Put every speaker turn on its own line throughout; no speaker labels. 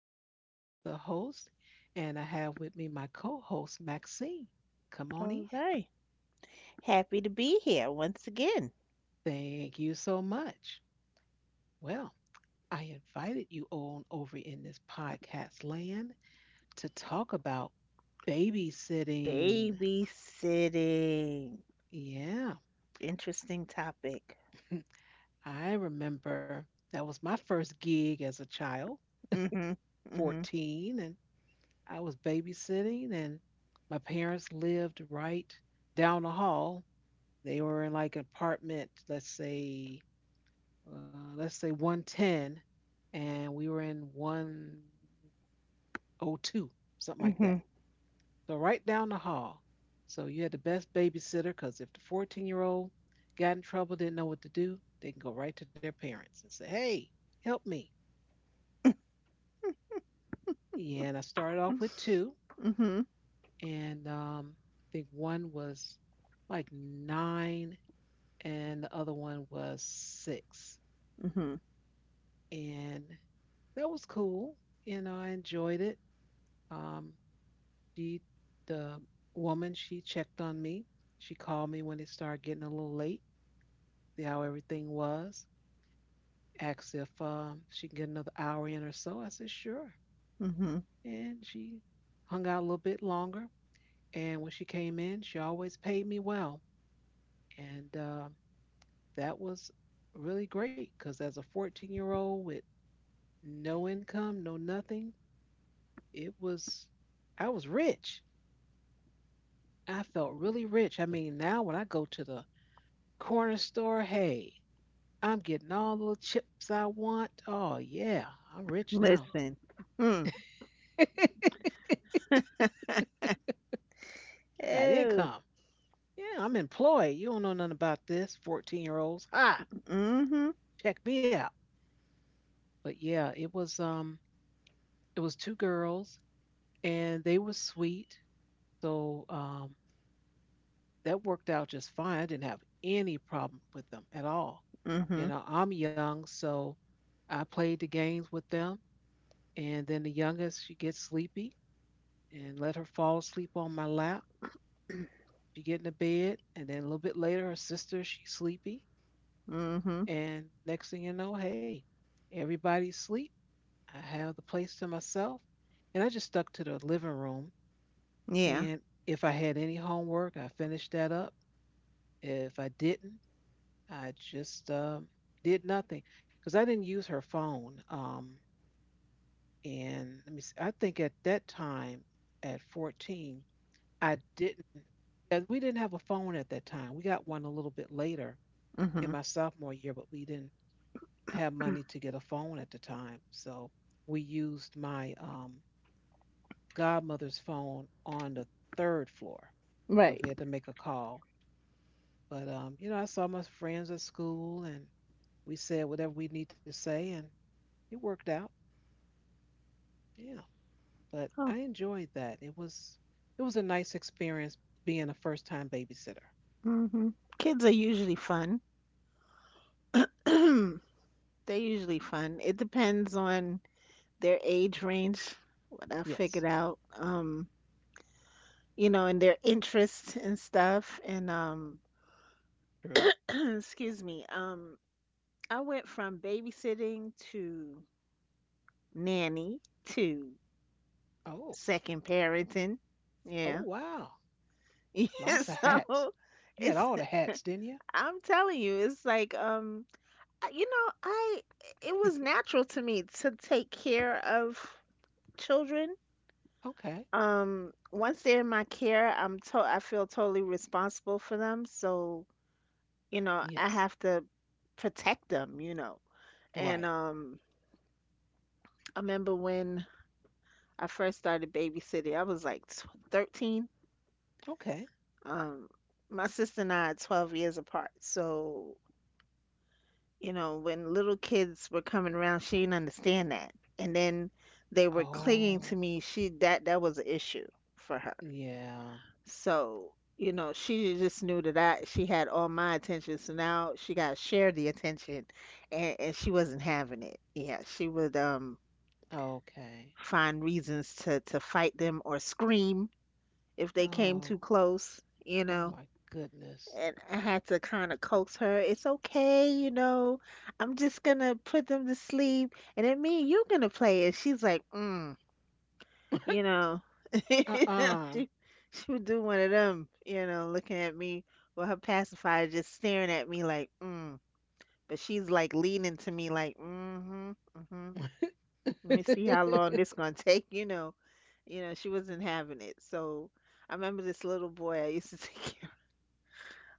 I am Shar, the host, and I have with me my co host, Maxine. Come on
All
in.
right. Happy to be here once again.
Thank you so much. Well, I invited you on over in this podcast land to talk about babysitting.
Babysitting.
Yeah,
Interesting topic.
I remember that was my first gig as a child,
Mm-hmm. Mm-hmm.
14, and I was babysitting, and my parents lived right down the hall. They were in like an apartment, let's say 110, and we were in 102, something like
Mm-hmm.
that. So right down the hall. So you had the best babysitter because if the 14-year-old got in trouble, didn't know what to do, they can go right to their parents and say, hey, help me. Yeah, and I started off with two,
Mm-hmm.
and I think one was like nine, and the other one was six.
Mm-hmm.
And that was cool, and I enjoyed it. Um, she, the woman, she checked on me. She called me when it started getting a little late, see how everything was. Asked if she can get another hour in or so. I said sure,
Mm-hmm.
and she hung out a little bit longer. And when she came in, she always paid me well, and that was really great because as a 14-year-old with no income, no nothing, it was I was rich. I felt really rich. I mean, now when I go to the corner store, hey, I'm getting all the chips I want. Oh, yeah, I'm rich now.
Listen. Mm.
I got
Oh.
income. Yeah, I'm employed. You don't know nothing about this, 14-year-olds. Ha,
Mm-hmm.
check me out. But yeah, it was two girls and they were sweet. So that worked out just fine. I didn't have any problem with them at all. You
Mm-hmm.
know, I'm young, so I played the games with them. And then the youngest, she gets sleepy and let her fall asleep on my lap. She get in the bed, and then a little bit later, her sister, she's sleepy.
Mm-hmm.
And next thing you know, hey, everybody's asleep. I have the place to myself. And I just stuck to the living room.
Yeah.
And if I had any homework, I finished that up. If I didn't, I just did nothing because I didn't use her phone. And let me see, I think at that time, at 14, I didn't. Yeah, we didn't have a phone at that time. We got one a little bit later in
Mm-hmm.
my sophomore year, but we didn't have money to get a phone at the time. So we used my godmother's phone on the third floor. So
Right.
if we had to make a call, but I saw my friends at school, and we said whatever we need to say, and it worked out. Yeah, but
Oh.
I enjoyed that. It was a nice experience being a first time babysitter.
Mm-hmm. Kids are usually fun. They're usually fun. It depends on their age range, what I
Yes.
figured out. And their interests and stuff. And
True.
excuse me, I went from babysitting to nanny to
Oh.
second parenting.
Oh
Yeah,
wow,
yeah.
lots of hats.
So
You had
it's
all the hats, didn't you?
I'm telling you, it's like I- you know, I it was natural to me to take care of children.
Okay.
Once they're in my care, I feel totally responsible for them. So you know, I
Yes.
have to protect them, you know.
Right.
And I remember when I first started babysitting, I was like tw 13.
Okay.
Um, my sister and I are 12 years apart. So, you know, when little kids were coming around, she didn't understand that. And then they were clinging
Oh
to me. She That was an issue for her.
yeah.
So, you know, she just knew that I she had all my attention. So now she got to share the attention and she wasn't having it. Yeah, she would
Okay.
find reasons to fight them or scream if they came
Oh.
too close, you
Oh
know.
my goodness.
And I had to kind of coax her. It's okay, you know. I'm just gonna put them to sleep, and then me and you're gonna play. And she's like, you know,
Uh-uh.
she she would do one of them, you know, looking at me with her pacifier just staring at me like, But she's like leaning to me like, mm-hmm, mm-hmm. Let me see how long this gonna take, you know. You know, she wasn't having it. So I remember this little boy I used to take care of.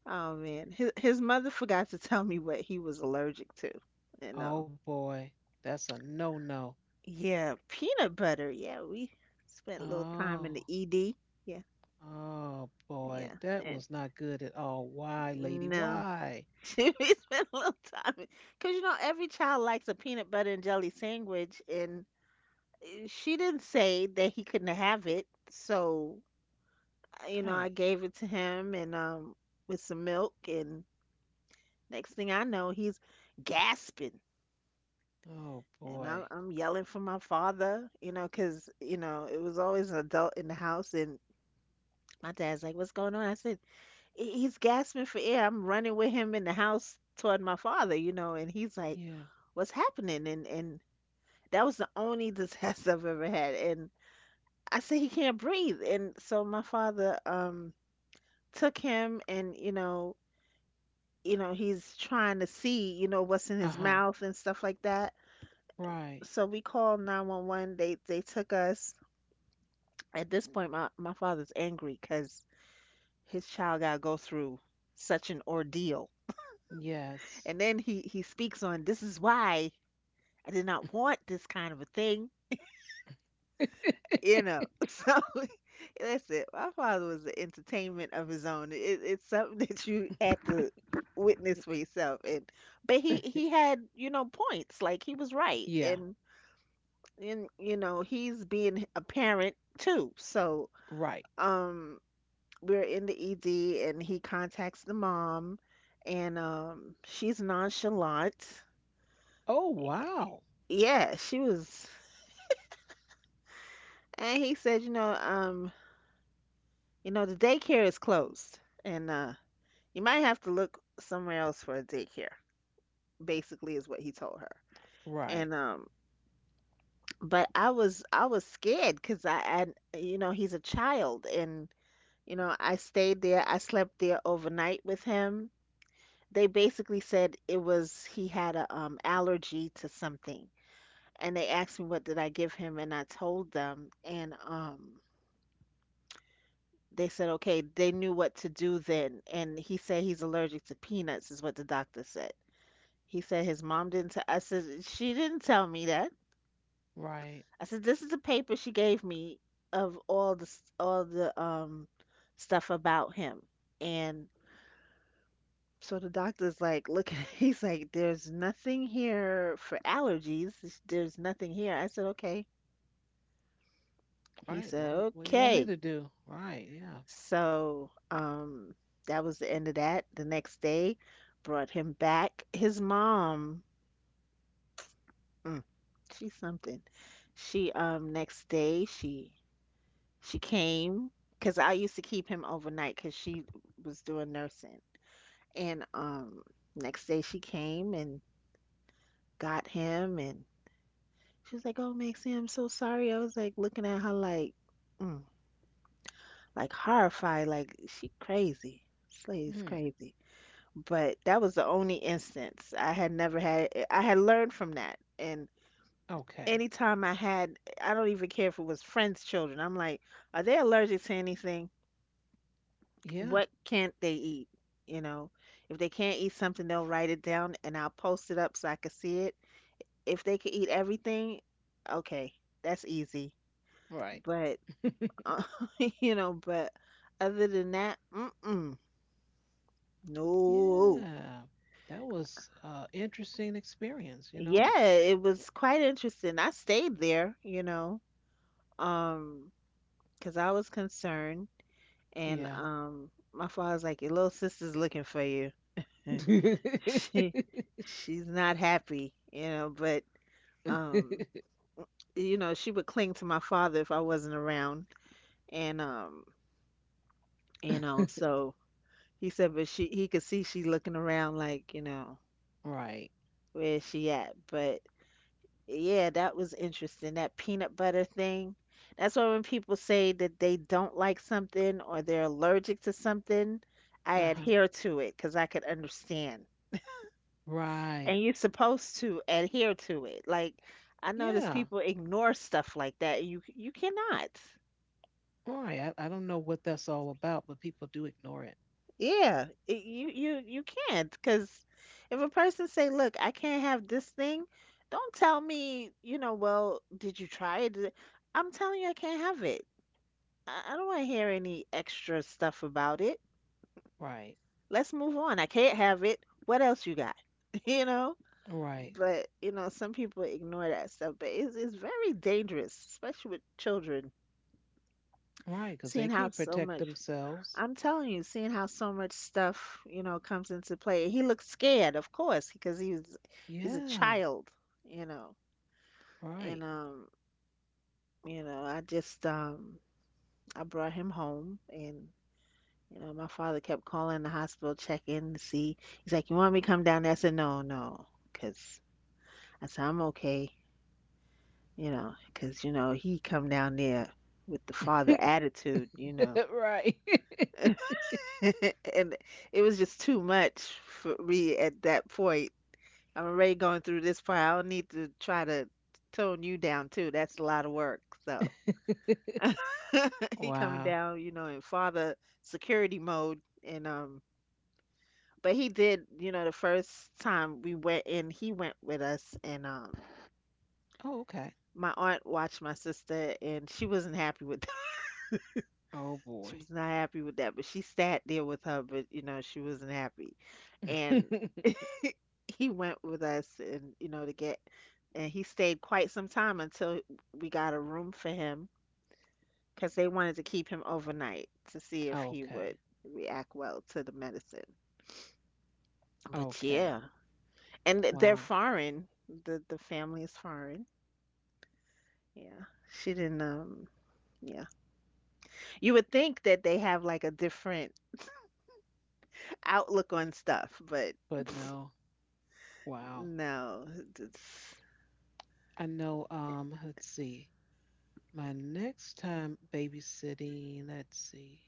Oh man. His mother forgot to tell me what he was allergic to. And
Oh boy, that's a no-no.
Yeah, peanut butter. Yeah, we spent a little time in the
Oh,
ED. Yeah,
oh boy,
yeah.
that
and.
was not good at all. Why, lady?
No,
Why?
she spent a little time because you know every child likes a peanut butter and jelly sandwich, and she didn't say that he couldn't have it. So you know, I
Hey.
gave it to him and with some milk, and next thing I know, he's gasping,
Oh
and
boy.
I'm yelling for my father, you know, because you know it was always an adult in the house, and my dad's like, "What's going on?" I said, "He's gasping for air." I'm running with him in the house toward my father, you know, and he's like
Yeah.
what's happening and that was the only disaster I've ever had, and I said he can't breathe, and so my father took him, and you know, you know he's trying to see, you know, what's in his
Uh-huh.
mouth and stuff like that.
Right.
So we called 911. They took us. At this point my father's angry because his child got to go through such an ordeal, and
Yes.
then he speaks on, this is why I did not want this kind of a thing. You know, so that's it. My father was the entertainment of his own. It, it's something that you had to witness for yourself, and but he had, you know, points, like he was right,
Yeah.
and you know he's being a parent too. So
Right.
um, we're in the ED, and he contacts the mom, and she's nonchalant.
Oh wow.
Yeah, she was, and he said, you know, the daycare is closed, and you might have to look somewhere else for a daycare, basically is what he told her.
Right.
And But I was scared because I you know, he's a child, and you know, I stayed there. I slept there overnight with him. They basically said it was he had a allergy to something. And they asked me what did I give him, and I told them, and they said okay, they knew what to do then, and he said he's allergic to peanuts is what the doctor said. He said his mom didn't tell. I said she didn't tell me that.
Right.
I said this is the paper she gave me of all the stuff about him. And so the doctor's like, look, he's like, there's nothing here for allergies. There's nothing here. I said, okay. He
Right. What
said,
What do you want me
okay.
to do? Right. Yeah.
So that was the end of that. The next day, brought him back. His mom, mm, she's something. She next day she came because I used to keep him overnight because she was doing nursing. And next day she came and got him, and she was like, "Oh, Maxie, I'm so sorry." I was like looking at her like, mm, like horrified, like she crazy. Slade's
Mm.
crazy. But that was the only instance I had never had. I had learned from that, and
Okay.
anytime I had, I don't even care if it was friends' children. I'm like, are they allergic to anything?
Yeah.
What can't they eat? You know, if they can't eat something, they'll write it down and I'll post it up so I can see it. If they could eat everything, okay, that's easy.
Right.
But, uh, you know, but other than that, mm-mm, no.
Yeah. That was interesting experience. You know.
Yeah, it was quite interesting. I stayed there, you know, um, 'cause I was concerned. And
Yeah.
my father's like, your little sister's looking for you. she she's not happy, you know, but Um, you know, she would cling to my father if I wasn't around, and you know, so he said, but she he could see she looking around like, you know,
Right.
where is she at? But yeah, that was interesting. That peanut butter thing. That's why when people say that they don't like something or they're allergic to something, I
Uh huh.
adhere to it because I could understand. And
Right.
you're supposed to adhere to it. Like I notice
Yeah.
people ignore stuff like that. You cannot.
Right. I don't know what that's all about, but people do ignore it.
Yeah, you can't because if a person say, "Look, I can't have this thing," don't tell me, you know, well, did you try it? Did it-" I'm telling you, I can't have it. I don't want to hear any extra stuff about it.
Right.
Let's move on. I can't have it. What else you got? You know?
Right.
But you know, some people ignore that stuff. But it's very dangerous, especially with children,
Right, because they
seeing how
can't
so
protect
much.
themselves.
I'm telling you, seeing how so much stuff, you know, comes into play. He looked scared, of course, because he's a
Yeah,
child, you know.
right.
And you know, I brought him home, and you know, my father kept calling the hospital check in to see. He's like, "You want me to come down there?" I said, "No, no," because I said, "I'm okay," you know, because you know, he come down there with the father attitude, you know.
Right.
And it was just too much for me at that point. I'm already going through this part. I don't need to try to tone you down too. That's a lot of work. So he coming
Wow.
down, you know, in father security mode, and but he did, you know, the first time we went in, he went with us, and
Oh, okay.
my aunt watched my sister, and she wasn't happy with that.
Oh,
She
boy.
was not happy with that, but she sat there with her, but you know, she wasn't happy, and he went with us, and you know, to get, and he stayed quite some time until we got a room for him because they wanted to keep him overnight to see if he
Okay.
would react well to the medicine. But
Okay.
yeah, and they're
Wow.
foreign. The family is foreign. Yeah, she didn't. Yeah, you would think that they have like a different outlook on stuff, but
But no. Wow.
no. It's,
I know. Let's see. My next time babysitting, let's see.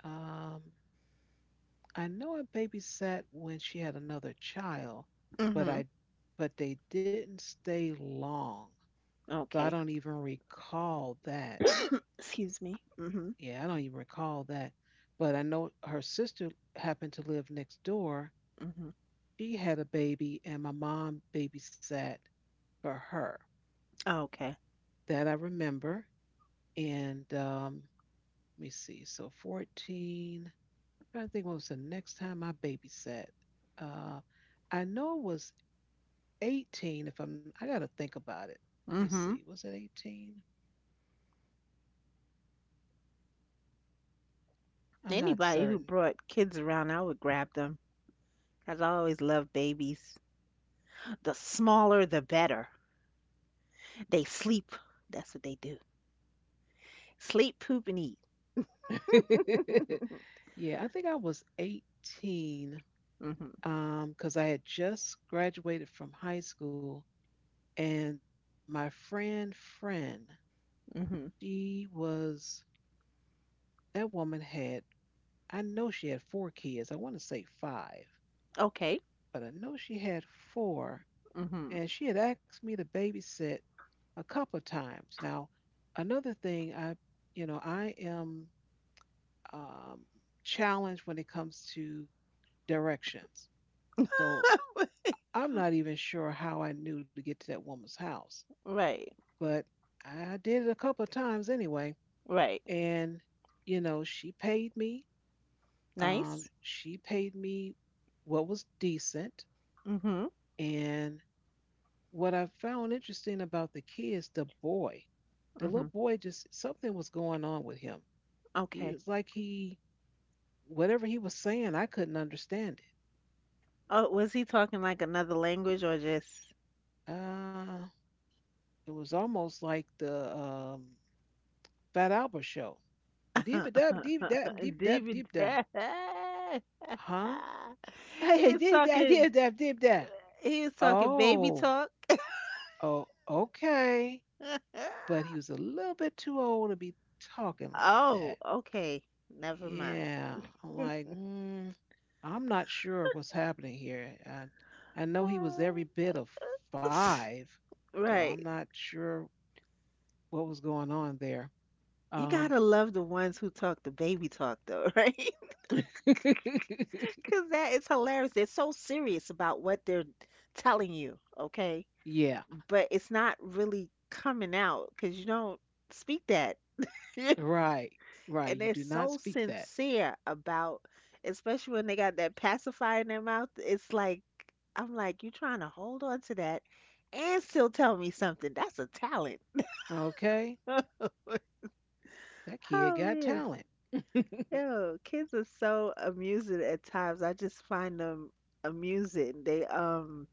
Um, I know I babysat when she had another child, but
mm-hmm.
I but they didn't stay long. So I
Okay.
don't even recall that.
Excuse me. Mm-hmm.
Yeah, I don't even recall that. But I know her sister happened to live next door.
Mm-hmm.
She had a baby, and my mom babysat for her.
Okay.
That I remember. And let me see. So 14. Trying to think what was the next time I babysat. Uh, I know it was 18. If I'm, I gotta think about it. Let me see.
Mm-hmm.
Was it 18? I'm not
Anybody who
certain.
brought kids around, I would grab them. 'Cause I always loved babies. The smaller, the better. They sleep. That's what they do. Sleep, poop, and eat.
Yeah, I think I was 18
Mhm.
because I had just graduated from high school, and my friend,
Mhm.
she was that woman had I know she had four kids. I want to say five,
Okay.
but I know she had four,
Mhm.
and she had asked me to babysit a couple of times. Now, another thing I am um, challenged when it comes to directions. So I'm not even sure how I knew to get to that woman's house,
Right.
but I did it a couple of times anyway.
Right.
And, she paid me.
Nice.
She paid me what was decent.
Mhm.
And what I found interesting about the kids, the boy, the little
Mhm.
boy, just something was going on with him. He
Okay.
was like he, whatever he was saying, I couldn't understand
Oh, was he talking like another language or just
it. It was almost like the Fat Albert show. Deep داب deep داب deep داب
David?
deep. دا huh
He was
dib dab
talking.
deep dab deep. Da
He was talking baby
oh
talk.
oh okay, but he was a little bit too old to be talking like
Oh,
that.
okay. Never mind.
Yeah, I'm like mm, I'm not sure what's happening here. I know he was every bit of five, so I'm
Right.
not sure what was going on there.
You
um
gotta love the ones who talk the baby talk though, right? Because that is hilarious. They're so serious about what they're telling you, okay?
yeah.
But it's not really coming out because you don't speak that.
Right,
And
right, you
they're
do not
so
speak that.
sincere about, especially when they got that pacifier in their mouth. It's like, I'm like, you trying to hold on to that and still tell me something. That's a talent.
Okay. That kid got
Oh,
talent.
Yo, kids are so amusing at times. I just find them amusing. They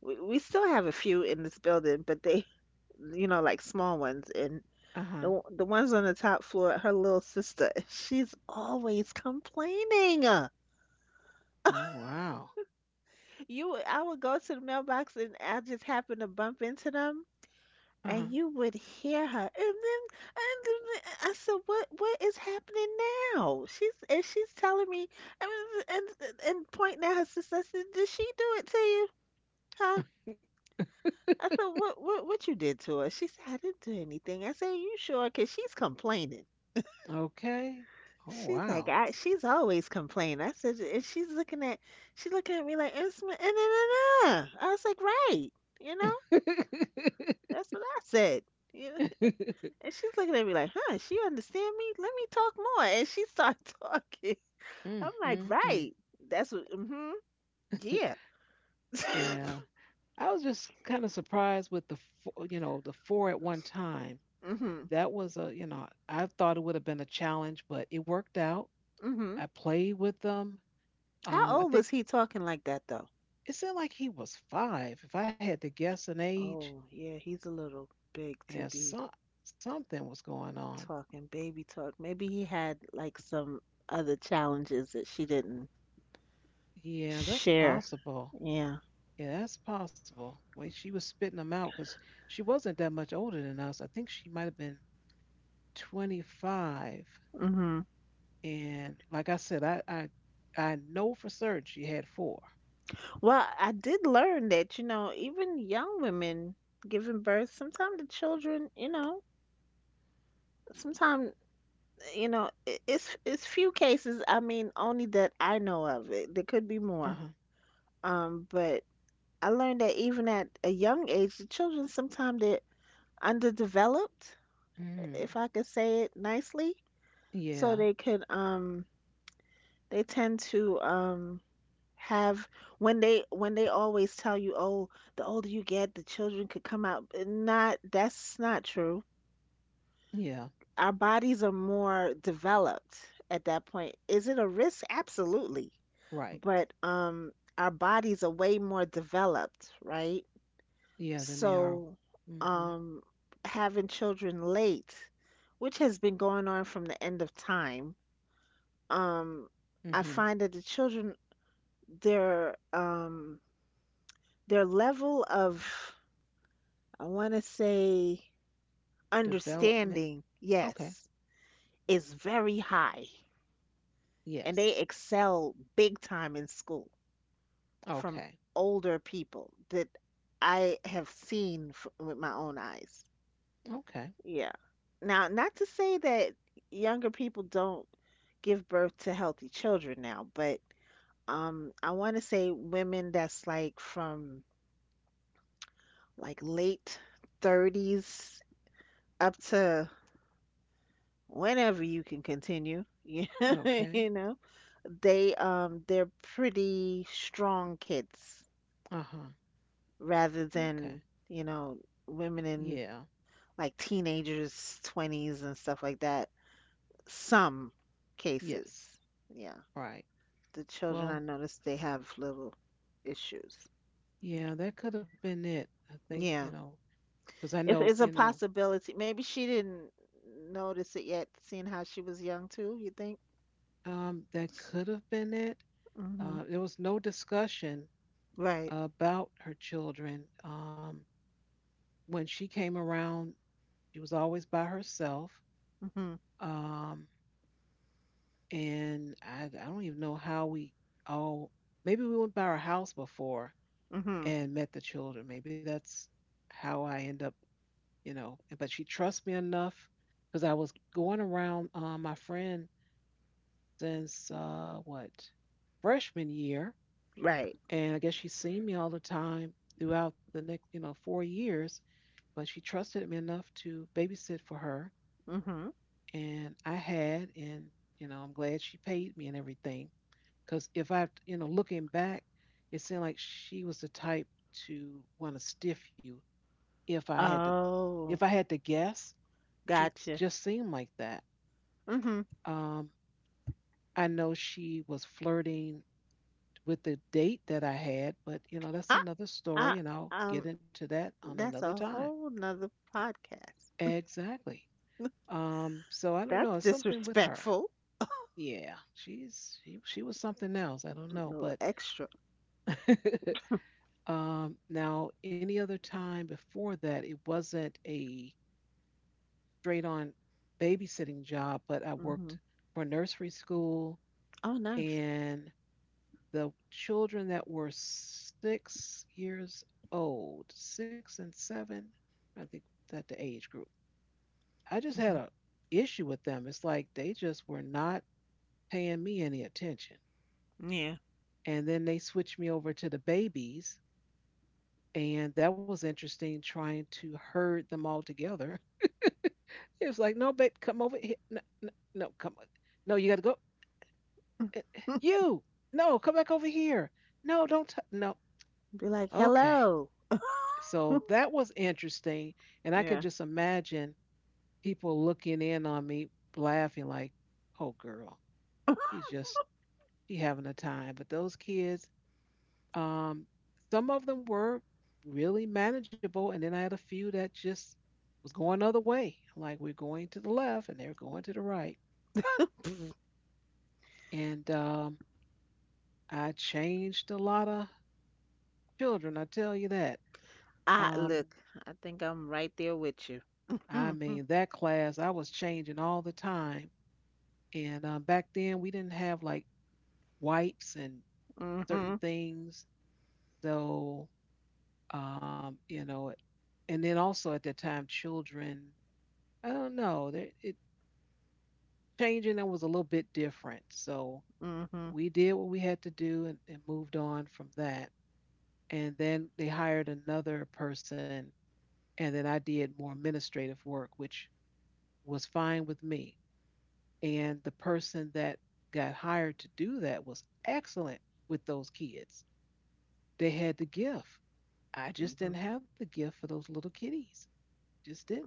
we still have a few in this building, but they like small ones and
Uh huh.
the ones on the top floor, her little sister, she's always complaining.
Oh, wow.
You I would go to the mailbox and I just happen to bump into them,
Uh
and you would hear her. And then I said, what is happening now. She's telling me and and pointing at her sister. I said, did she do it to you, huh?
huh.
I said, what you did to her? She said, I didn't do anything. I said, you sure? Because she's complaining.
Okay. Oh,
She's like,
wow.
I she's always complaining. I said, and she's looking at me like, and I was like, right, you
Mm,
know, that's what I said. You And she's looking at me like, huh, she understand me? Let me talk more. And she started talking.
mm,
I'm like,
mm.
right. That's what, mm-hmm, yeah.
Yeah. I was just kind of surprised with the, the four at one time.
Mm-hmm,
That was a, you know, I thought it would have been a challenge, but it worked out.
mm-hmm.
I played with them.
How
I
old was
think
he talking like that, though?
it seemed like he was five. If I had to guess an age,
Oh, yeah, he's a little big to
yeah,
be
something was going on.
talking baby talk. Maybe he had like some other challenges that she didn't
Yeah, that's
share.
possible.
Yeah.
Yeah, that's possible. When she was spitting them out, because she wasn't that much older than us. I think she might have been 25.
Hmm.
And like I said, I know for certain she had four.
Well, I did learn that, you know, even young women giving birth, sometimes the children, you know, sometimes it's few cases. I mean, only that I know of. There could be
Uh
more.
huh.
But I learned that even at a young age, the children sometimes they're underdeveloped,
Mm.
if I could say it nicely. So
Yeah.
they could they tend to have, when they always tell you, oh, the older you get, the children could come out. Not, that's not true.
Yeah.
Our bodies are more developed at that point. Is it a risk? Absolutely.
Right.
But our bodies are way more developed, right?
Yeah. Then they are.
So
Mm-hmm.
um having children late, which has been going on from the end of time, um I
Mm-hmm.
find that the children, their their level of, I want to say,
Development.
understanding,
Okay.
yes, is very high. And they
Yes.
excel big time in school from
Okay.
older people that I have seen f with my own eyes.
Okay.
Yeah. Now, not to say that younger people don't give birth to healthy children now, but I want to say women that's like from like late 30s up to whenever you can continue,
Okay.
you know, they they're pretty strong kids.
Uh huh.
Rather
Okay.
than, you know, women in
Yeah.
like teenagers, 20s, and stuff like that. Some cases.
Yes.
Yeah.
Right.
The children,
Well,
I noticed they have little issues.
yeah, that could have been it. I think,
Yeah.
because I
It's,
know,
it's a possibility. Maybe she didn't notice it yet, seeing how she was young too, you think?
that could have been it.
Hmm.
There was no discussion
Right.
about her children. When she came around, she was always by herself.
Hmm.
Um, and I don't even know how we all, maybe we went by her house before
Hmm.
and met the children. Maybe that's how I end up, but she trusts me enough because I was going around my friend since what freshman year,
Right.
and I guess she's seen me all the time throughout the next 4 years. But she trusted me enough to babysit for her,
Hmm.
and I'm glad she paid me and everything. Because if I looking back, it seemed like she was the type to want to stiff you. If I had to if I
Oh,
had to guess, she
gotcha.
just seemed like that.
Hmm.
Um, I know she was flirting with the date that I had, but that's
I,
another
I,
story and I'll
um,
get into that on
that's
another
a
time.
whole nother podcast.
Exactly. So I don't know,
That's
it's something with her.
disrespectful.
Yeah, she was something else. I don't
A
know,
little
but
extra.
now any other time before that it wasn't a straight on babysitting job, but I
Hmm.
worked for nursery school
Oh, nice.
and the children that were 6 years old, six and seven, I think that the age group. I just had
Hmm.
a issue with them. It's like they just were not paying me any attention.
Yeah.
And then they switched me over to the babies, and that was interesting trying to herd them all together. It was like, no, babe, come over here. No, no, no, come on. No, you got to go. Eh, eh, you, no, come back over here. No, don't. No,
Be like,
okay.
hello.
So that was interesting. And I could
Yeah.
just imagine people looking in on me laughing like, oh girl, she's just she having a time. But those kids, um, some of them were really manageable. And then I had a few that just was going other way. Like we're going to the left and they're going to the right. And I changed a lot of children, I tell you that.
I
Um,
look. I think I'm right there with you.
I
Mhm.
mean that class I was changing all the time. And back then, we didn't have like wipes and certain
Mhm.
things. So, um, you know, and then also at that time, children, I don't know, it changing them was a little bit different. So
Mhm.
we did what we had to do and moved on from that. And then they hired another person, and then I did more administrative work, which was fine with me. And the person that got hired to do that was excellent with those kids. They had the gift. I just
Mhm.
didn't have the gift for those little kitties. Just didn't.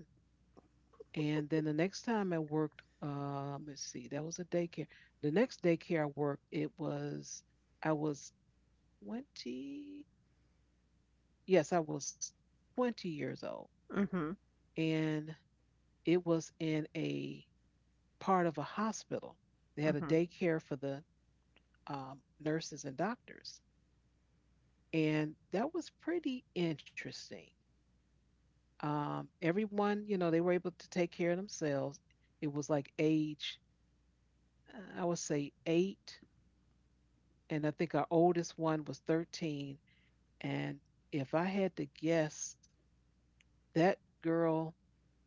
And then the next time I worked, let's see, that was a daycare. The next daycare I worked, it was I was 20. Yes, I was 20 years old,
Mhm.
and it was in a part of a hospital. They had a
Mhm.
daycare for the nurses and doctors, and that was pretty interesting. Everyone, they were able to take care of themselves. It was like age, I would say eight, and I think our oldest one was 13. And if I had to guess, that girl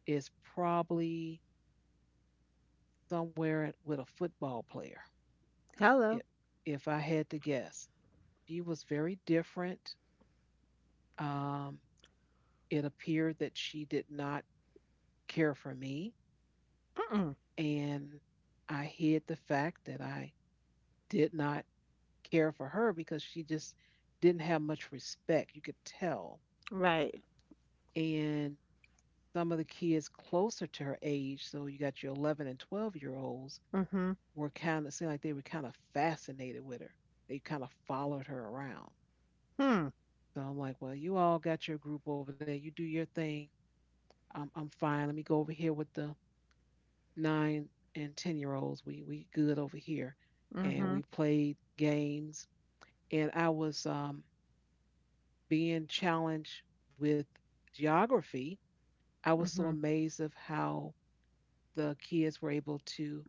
is probably somewhere with a football player. If
Hello.
if I had to guess, she was very different. Um, it appeared that she did not care for me,
Mm-mm.
and I hid the fact that I did not care for her because she just didn't have much respect. You could tell.
Right.
And some of the kids closer to her age, so you got your 11 and 12 year olds,
Mhm.
were kind of seemed like they were kind of fascinated with her. They kind of followed her around.
Hmm.
So I'm like, well, you all got your group over there. You do your thing. I'm fine. Let me go over here with the 9 and 10 year olds. We good over here, and
Mhm.
we played games. And I was being challenged with geography. I was so
Mhm.
amazed of how the kids were able to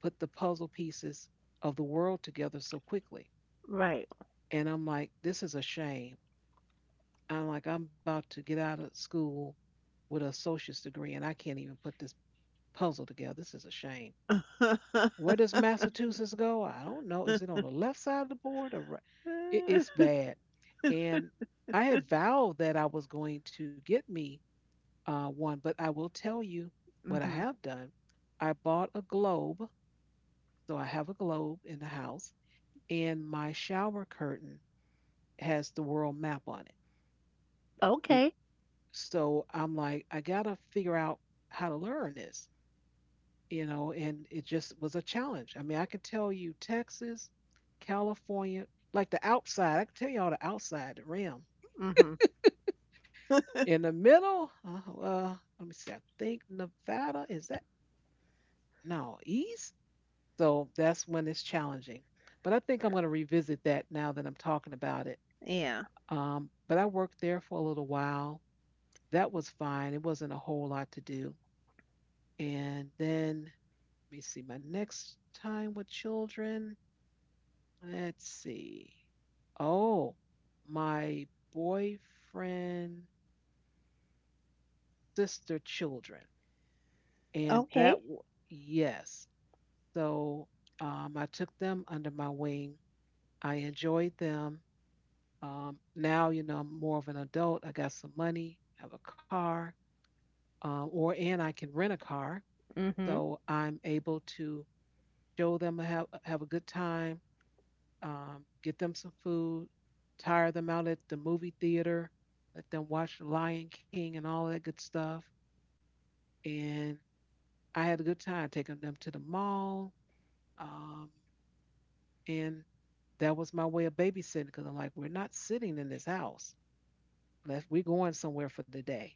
put the puzzle pieces of the world together so quickly.
Right.
And I'm like, this is a shame. I'm like, I'm about to get out of school with an associate's degree and I can't even put this puzzle together. This is a shame. Where does Massachusetts go? I don't know. Is it on the left side of the board or right? It's bad. And I had vowed that I was going to get me one, but I will tell you what I
Mhm.
have done. I bought a globe, so I have a globe in the house, and my shower curtain has the world map on it.
Okay.
Be- So I'm like, I gotta figure out how to learn this, and it just was a challenge. I mean, I could tell you Texas, California, like the outside, I could tell you all the outside, the rim.
Mhm.
In the middle, let me see, I think Nevada, is that? No, East. So that's when it's challenging. But I think I'm going to revisit that now that I'm talking about it.
Yeah.
But I worked there for a little while. That was fine. It wasn't a whole lot to do. And then let me see my next time with children. Let's see. Oh, my boyfriend, sister, children. And that,
Okay.
yes. So I took them under my wing. I enjoyed them. Now, I'm more of an adult. I got some money, have a car, or and I can rent a car,
Mhm.
so I'm able to show them have a good time, get them some food, tire them out at the movie theater, let them watch The Lion King and all that good stuff. And I had a good time taking them to the mall, um, and that was my way of babysitting because I'm like, we're not sitting in this house unless we're going somewhere for the day.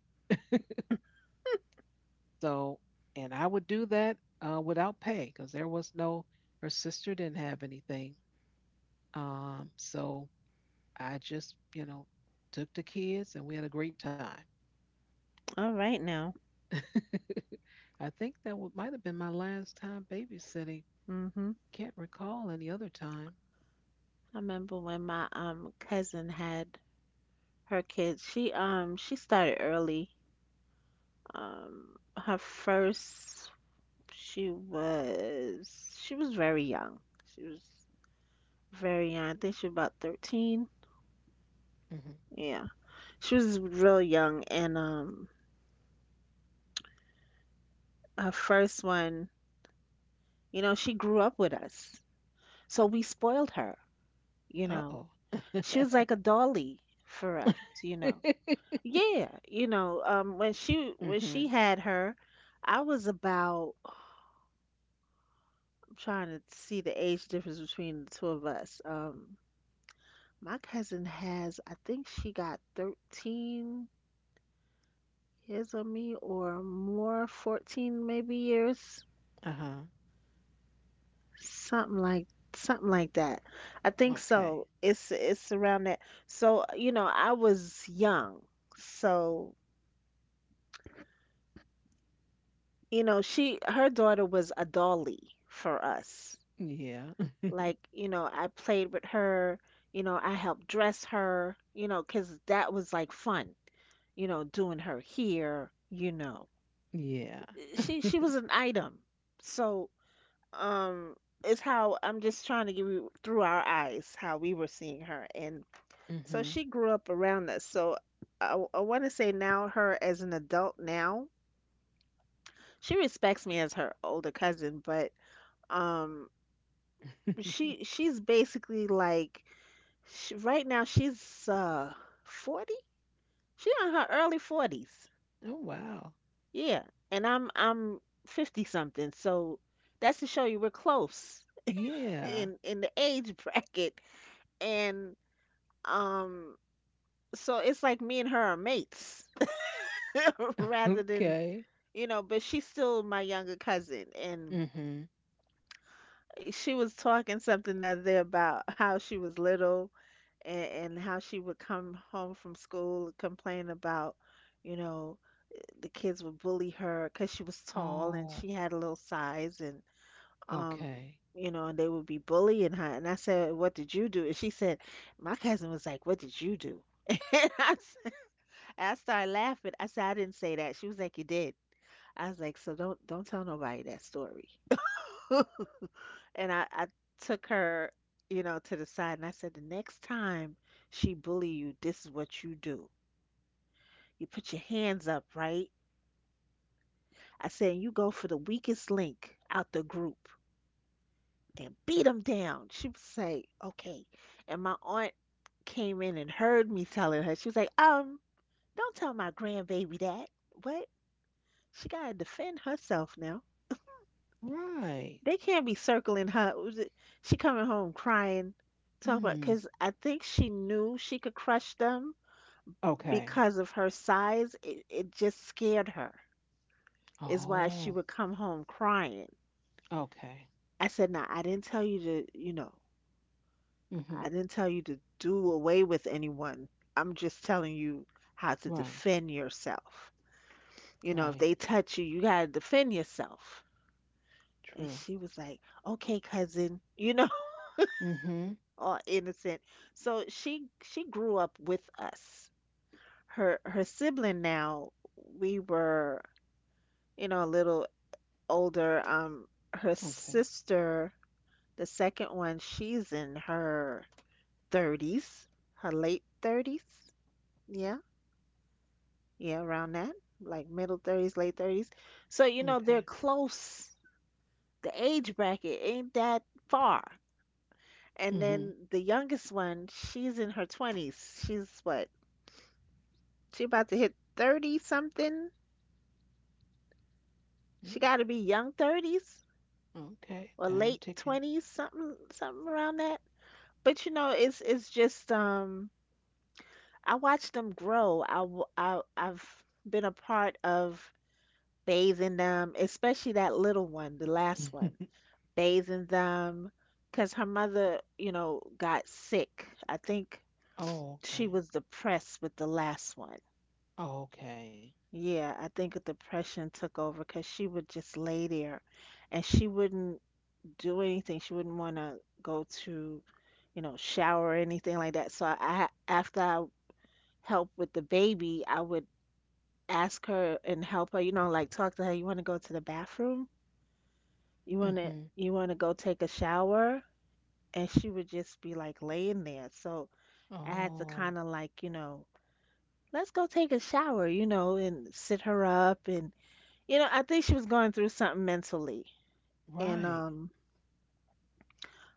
So, and I would do that without pay because there was no, her sister didn't have anything. So I just, took the kids and we had a great time.
All right now.
I think that might have been my last time babysitting.
Mhm.
Can't recall any other time.
I remember when my cousin had her kids. She she started early. Her first, she was very young. She was very young. I think she was about 13.
Hmm.
Yeah. She was real young, and her first one, you know, she grew up with us. So we spoiled her, you
Uh
know.
oh.
She was like a dolly for us, you know. Yeah, you know, when
Hmm.
she had her, I was about, I'm trying to see the age difference between the two of us. My cousin has, I think she got 13 years on me, or more, 14 maybe years,
Uh huh.
something like something like that. I think so.
Okay.
It's around that. So, you know, I was young. So, you know, she, her daughter was a dolly for us.
Yeah.
Like, you know, I played with her, you know, I helped dress her, you know, because that was like fun, you know, doing her hair, you know.
Yeah.
Eh, she was an item. So, um it's how, I'm just trying to give you through our eyes how we were seeing her. And so she
Hmm.
grew up around us. So I want to say now, her as an adult now, she respects me as her older cousin. But um she's basically like, she, right now she's 40? She's in her early 40s.
Oh wow.
Yeah, and I'm 50 something. So that's to show you we're close
Yeah.
in the age bracket. And um so it's like me and her are mates rather than,
Okay.
you know, but she's still my younger cousin. And
Mm-hmm.
she was talking something the other day about how she was little and how she would come home from school and complain about, you know, the kids would bully her because she was tall and
Oh,
she had a little size. And um
okay.
you know, and they would be bullying her. And I said, what did you do? And she said, my cousin was like, what did you do? And I started laughing. I said, I didn't say that. She was like, you did. I was like, so don't tell nobody that story. And I took her, you know, to the side, and I said, the next time she bully you, this is what you do. You put your hands up, right? I said, you go for the weakest link out the group and beat him down. She would say, okay. And my aunt came in and heard me telling her. She was like, don't tell my grandbaby that. What? She gotta defend herself now.
Right.
They can't be circling her. She coming home crying, talk about,
Mm.
because I think she knew she could crush them
Okay.
because of her size. It just scared her. Is why she
Oh,
would come home crying.
okay.
I said, "Nah, I didn't tell you to, you know,
Mm-hmm.
I didn't tell you to do away with anyone. I'm just telling you how to
Right.
defend yourself. You know, if
Right.
they touch you, you gotta defend yourself." And
True.
she was like, "Okay, cousin," you know,
Mm-hmm.
all innocent. So she grew up with us. Her sibling now, we were, you know, a little older. Her
Okay.
sister, the second one, she's in her 30s, her late 30s. Yeah. Yeah, around that, like middle 30s, late 30s. So, you know, they're
Okay.
close. The age bracket ain't that far. And
Mm-hmm.
then the youngest one, she's in her 20s. She's what? She about to hit 30 something. She got to be young 30s
Okay.
or
Time
late
ticking.
20s, something something around that. But you know, it's just I watch them grow. I, w- I I've been a part of bathing them, especially that little one, the last one. Bathing them because her mother, you know, got sick. I think
Oh,
she
okay.
was depressed with the last one.
Okay.
Yeah, I think a depression took over because she would just lay there, and she wouldn't do anything. She wouldn't want to go to, you know, shower or anything like that. So after I helped with the baby, I would ask her and help her, you know, like talk to her. You want to go to the bathroom?
Mm-hmm.
You want to go take a shower? And she would just be like laying there. So I had to
Oh,
kind of like, you know, let's go take a shower, you know, and sit her up. And, you know, I think she was going through something mentally. And,
right.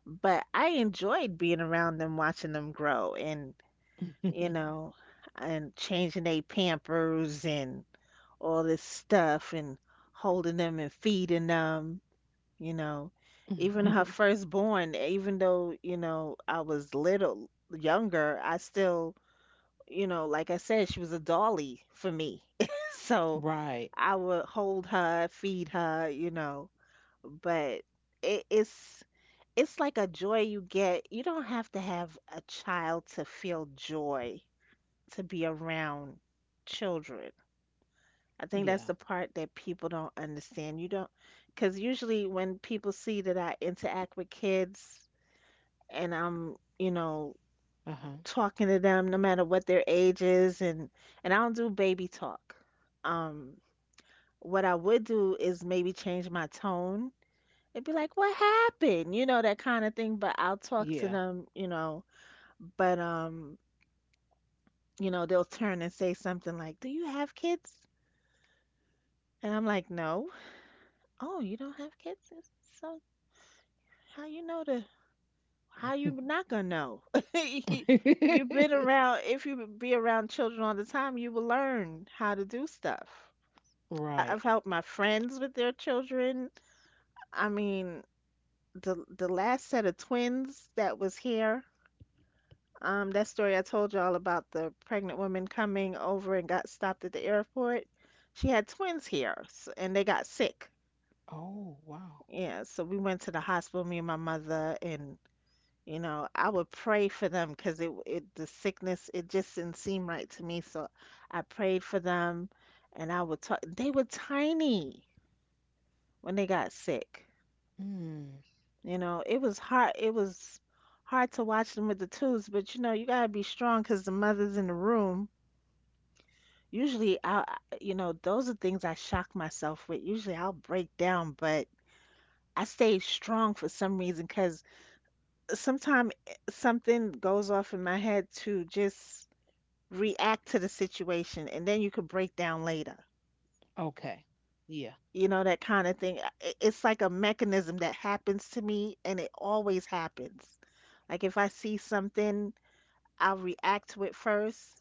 but I enjoyed being around them, watching them grow, and, you know, and changing their pampers and all this stuff, and holding them and feeding them, you know. Even her firstborn, even though, you know, I was little younger, I still, you know, like I said, she was a dolly for me. So
Right.
I would hold her, feed her, you know. But it's it's like a joy you get. You don't have to have a child to feel joy, to be around children. I think
Yeah.
that's the part that people don't understand. You don't, because usually when people see that I interact with kids and I'm, you know,
Uh-huh.
talking to them no matter what their age is, and I don't do baby talk. Um what I would do is maybe change my tone and be like, "What happened?" You know, that kind of thing, but I'll talk to
Yeah.
them, you know. But you know, they'll turn and say something like, "Do you have kids?" And I'm like, "No." "Oh, you don't have kids?" So, how you know the how you not gonna know? You've been around, if you be around children all the time, you will learn how to do stuff. I-
Right.
I've helped my friends with their children. I mean, the last set of twins that was here, that story I told y'all about the pregnant woman coming over and got stopped at the airport. She had twins here, s and they got sick.
Oh, wow.
Yeah, so we went to the hospital, me and my mother, and you know, I would pray for them because it the sickness it just didn't seem right to me. So I prayed for them, and I would talk. They were tiny when they got sick.
Mm.
You know, it was hard. It was hard to watch them with the twos, but you know, you gotta be strong because the mother's in the room. Usually, you know, those are things I shock myself with. Usually, I'll break down, but I stay strong for some reason because sometimes something goes off in my head to just react to the situation, and then you could break down later.
Okay. Yeah.
You know, that kind of thing. It's like a mechanism that happens to me, and it always happens. Like if I see something. I'll react with first,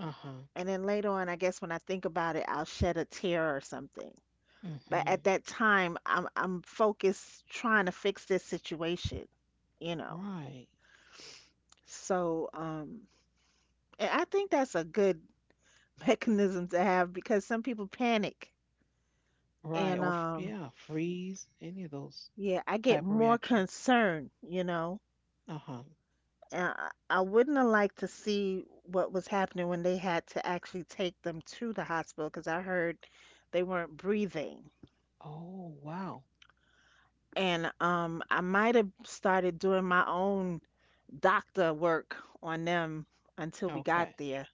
Uh-huh.
and then later on, I guess when I think about it, I'll shed a tear or something. But at
Mm-hmm.
that time, I'm focused trying to fix this situation, you know.
Right.
So, and I think that's a good mechanism to have because some people panic,
Right.
and
Or yeah, freeze, any of those
yeah, I get
type of
more
reactions.
concerned, you know.
Uh-huh.
And I wouldn't have liked to see what was happening when they had to actually take them to the hospital because I heard they weren't breathing.
Oh, wow.
And I might have started doing my own doctor work on them until we got
Okay.
there.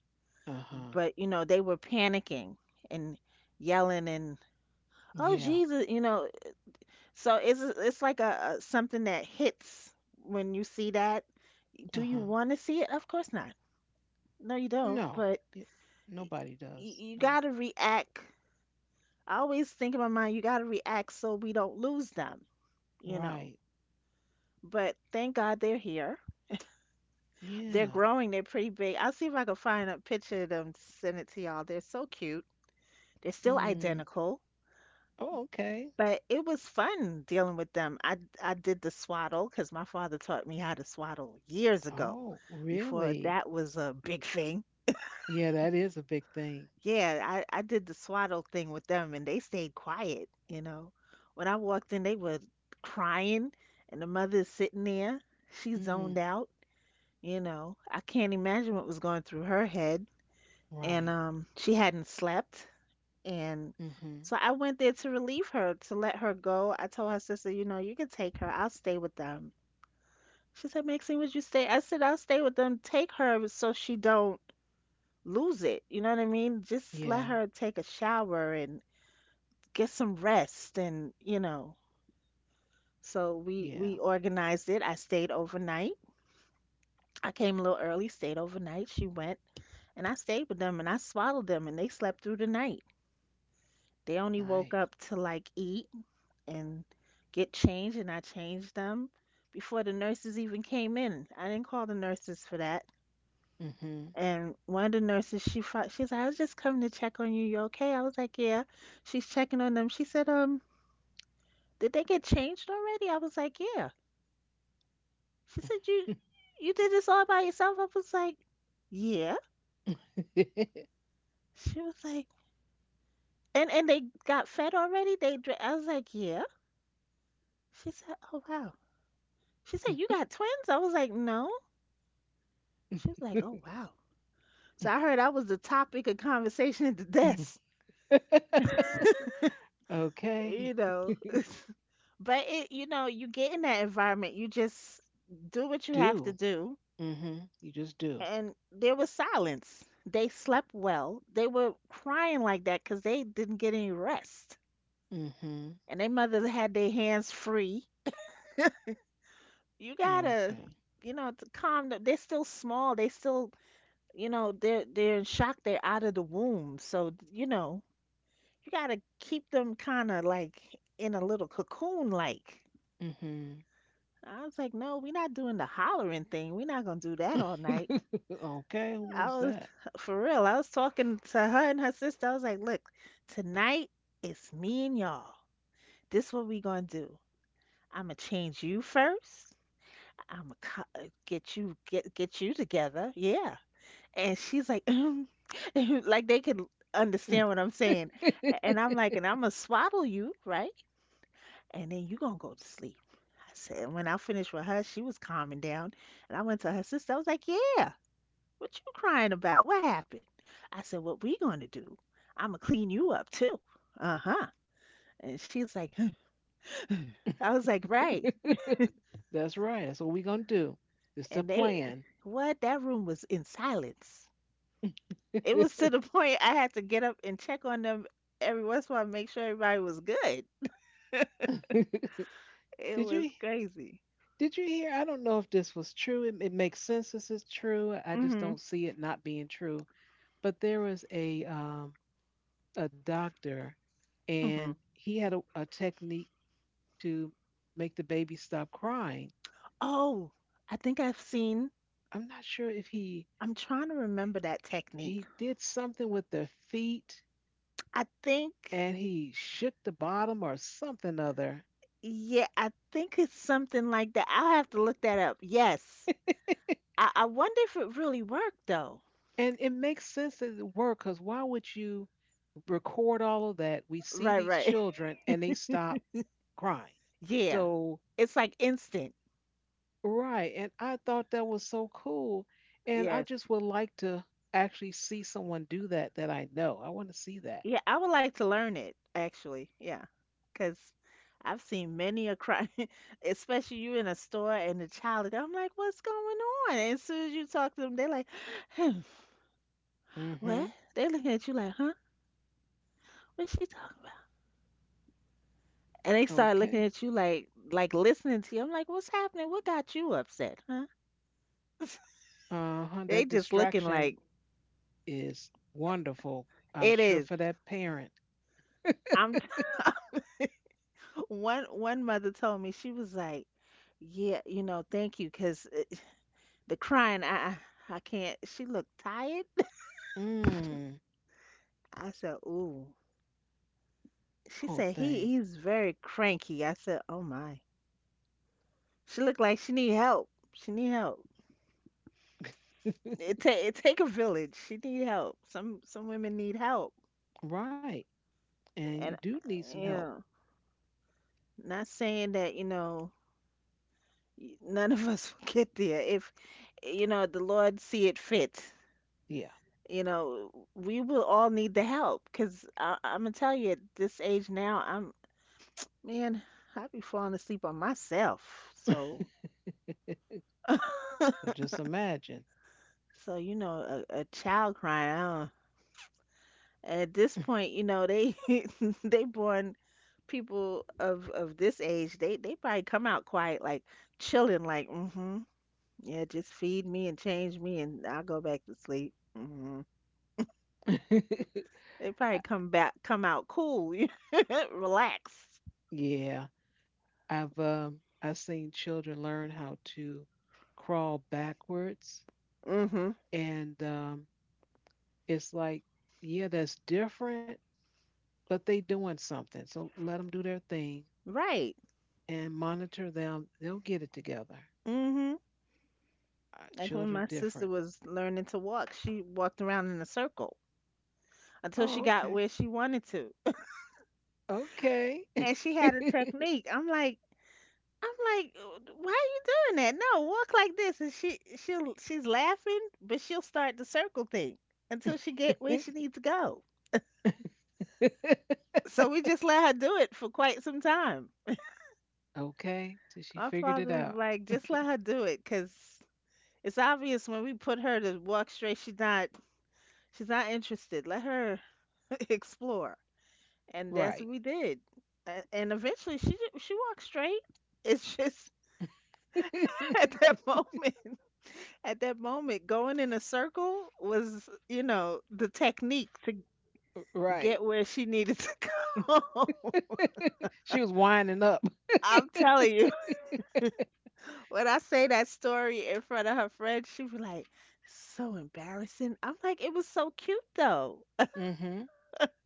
Uh-huh.
But, you know, they were panicking and yelling and, oh,
Yeah.
Jesus, you know. So it's like a something that hits when you see that. Do you
Uh-huh.
want to see it? Of course not. No, you don't.
No.
But
It, Nobody does.
you got
No.
to react. I always think in my mind, you got to react so we don't lose them, you know.
Right.
But thank God they're here. They're
Yeah.
growing. They're pretty big. I'll see if I can find a picture of them, send it to y'all. They're so cute. They're still
Hmm.
identical,
Oh, okay.
but it was fun dealing with them. I did the swaddle because my father taught me how to swaddle years ago,
Oh,
before
really?
that was a big thing.
Yeah, that is a big thing.
Yeah, I did the swaddle thing with them, and they stayed quiet. You know, when I walked in, they were crying, and the mother's sitting there. She zoned
Mm.
out. You know, I can't imagine what was going through her head. And
Right.
she hadn't slept and
Mm-hmm.
so I went there to relieve her, to let her go. I told her sister, you know, you can take her. I'll stay with them. She said, Maxine, would you stay? I said, I'll stay with them. Take her so she don't lose it. You know what I mean? Just let
Yeah.
her take a shower and get some rest and, you know. So we
Yeah.
we organized it. I stayed overnight. I came a little early, stayed overnight. She went and I stayed with them and I swaddled them and they slept through the night. They only
Nice.
woke up to like eat and get changed, and I changed them before the nurses even came in. I didn't call the nurses for that.
Mhm.
And one of the nurses, she fought, she's like, I was just coming to check on you. You okay? I was like, yeah. She's checking on them. She said, did they get changed already? I was like, yeah. She said, you did this all by yourself? I was like, yeah. She was like, and they got fed already. They, I was like, yeah. She said, oh wow. She said, you got twins? I was like, no. She was like, oh wow. So I heard I was the topic of conversation at the desk,
Okay.
you know. But it, you know, you get in that environment, you just do what you have to
Do.
do.
Mhm. You just do.
And there was silence. They slept well. They were crying like that because they didn't get any rest.
Mhm.
And their mother had their hands free. You gotta,
Okay.
you know, to calm them. They're still small. They still, you know, they're in shock. They're out of the womb. So, you know, you gotta keep them kind of like in a little cocoon like
Mhm.
I was like, no, we're not doing the hollering thing. We're not gonna do that all night.
Okay. Who
I
wants
was
that?
for real. I was talking to her and her sister. I was like, look, tonight it's me and y'all. This what we gonna do. I'ma change you first. I'ma get you get you together. Yeah. And she's like, "Mm," like they could understand what I'm saying. And I'm like, and I'ma swaddle you, right? And then you gonna go to sleep. I said, and when I finished with her, she was calming down. And I went to her sister. I was like, Yeah, what you crying about? What happened? I said, What we gonna do? I'ma clean you up too. Uh-huh. And she's like, "Huh." I was like, Right.
That's right. That's what we're gonna do. It's the
And they
plan.
what? That room was in silence. It was to
Did
the point I had to get up and check on them every once in a while, make sure everybody was good. It was
you?
crazy.
Did you hear? I don't know if this was true. It makes sense this is true. I just
Hmm.
don't see it not being true. But there was a doctor, and
Hmm.
he had a technique to make the baby stop crying.
Oh, I think I've seen
I'm not sure if he
I'm trying to remember that technique.
he did something with their feet
I
and
think
he shook the bottom or something other.
yeah, I think it's something like that. I'll have to look that up. Yes. I wonder if it really worked though.
And it makes sense that it worked because why would you record all of that? We see these
Right, right.
children and they stop crying.
Yeah.
So,
It's like instant.
right. And I thought that was so cool. And I
Yes.
just would like to actually see someone do that that I know. I want to see that.
Yeah, I would like to learn it actually. Yeah. 'Cause I've seen many a crime, especially you in a store and the child. I'm like, what's going on? And as soon as you talk to them, they're like, hmm, what?
Mm-hmm.
They're looking at you like, huh? What's she talking about? And they start looking
Okay.
at you like listening to you. I'm like, what's happening? What got you upset, huh?
Uh-huh.
They
That
just looking
distraction
like
is wonderful. I'm
it
sure
is.
for that parent.
I'm t- one mother told me she was like, "Yeah, you know, thank you, 'cause it, the crying, I can't." She looked tired.
Mm.
I said, "Ooh." She
Whole
said,
thing.
he's very cranky." I said, "Oh my." She looked like she need help. She need help. It take it take a village. She need help. Some women need help,
Right. And you
and
do need some help.
yeah, not saying that you know none of us will get there if you know the lord see it fit
Yeah.
you know we will all need the help because I'm gonna tell you at this age now I'm man I be falling asleep on myself so
So just imagine.
so you know a child crying at this point you know they they born people of this age they probably come out quiet like chilling like mm-hmm yeah just feed me and change me and I'll go back to sleep mm-hmm."
I-
They probably come back, come out cool, you know, relaxed.
yeah. I've seen children learn how to crawl backwards,
Mm-hmm.
and it's like, yeah, that's different, but they doing something. So let them do their thing
Right.
and monitor them. They'll get it together.
Hmm. Like when
Children
my sister
different.
was learning to walk, she walked around in a circle until she
Oh,
got
okay,
where she wanted to.
okay,
And she had a technique. I'm like, why are you doing that? No, walk like this. And she'll she's laughing, but she'll start the circle thing until she get where she needs to go. So we just let her do it for quite some time.
okay. Till she
Our
figured it
father was
out.
like, just let her do it, cause it's obvious when we put her to walk straight, she's not interested. Let her explore. And
Right,
that's what we did. And eventually she walked straight. It's just at that moment, at that moment going in a circle was, you know, the technique to
right.
get where she needed to go.
She was winding up.
I'm telling you, when I say that story in front of her friend, she was like, so embarrassing. I'm like, it was so cute though.
Hmm.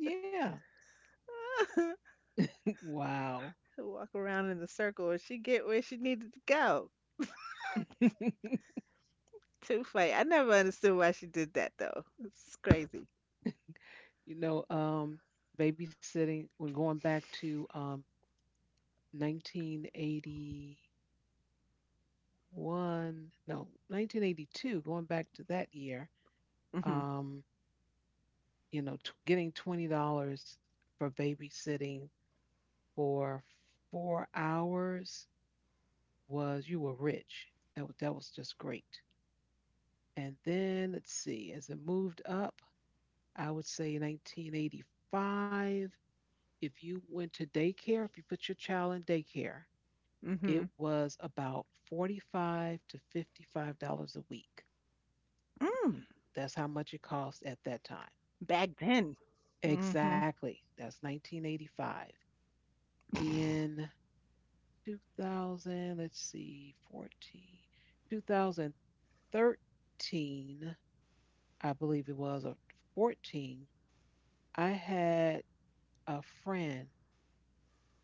Yeah. Wow.
to walk around in the circle and she get where she needed to go to fight. I never understood why she did that though. It's crazy.
You know, um, babysitting, when going back to 1981, no, 1982, going back to that year,
Mm-hmm.
um, getting $20 for babysitting for 4 hours was, you were rich. That was just great. And then, let's see, as it moved up, I would say 1985. If you went to daycare, if you put your child in daycare,
Hmm.
it was about $45 to $55 a week.
Mm.
That's how much it cost at that time.
Back then. Hmm.
Exactly. That's 1985. In 2000, let's see, 14, 2013, I believe it was, or 14, I had a friend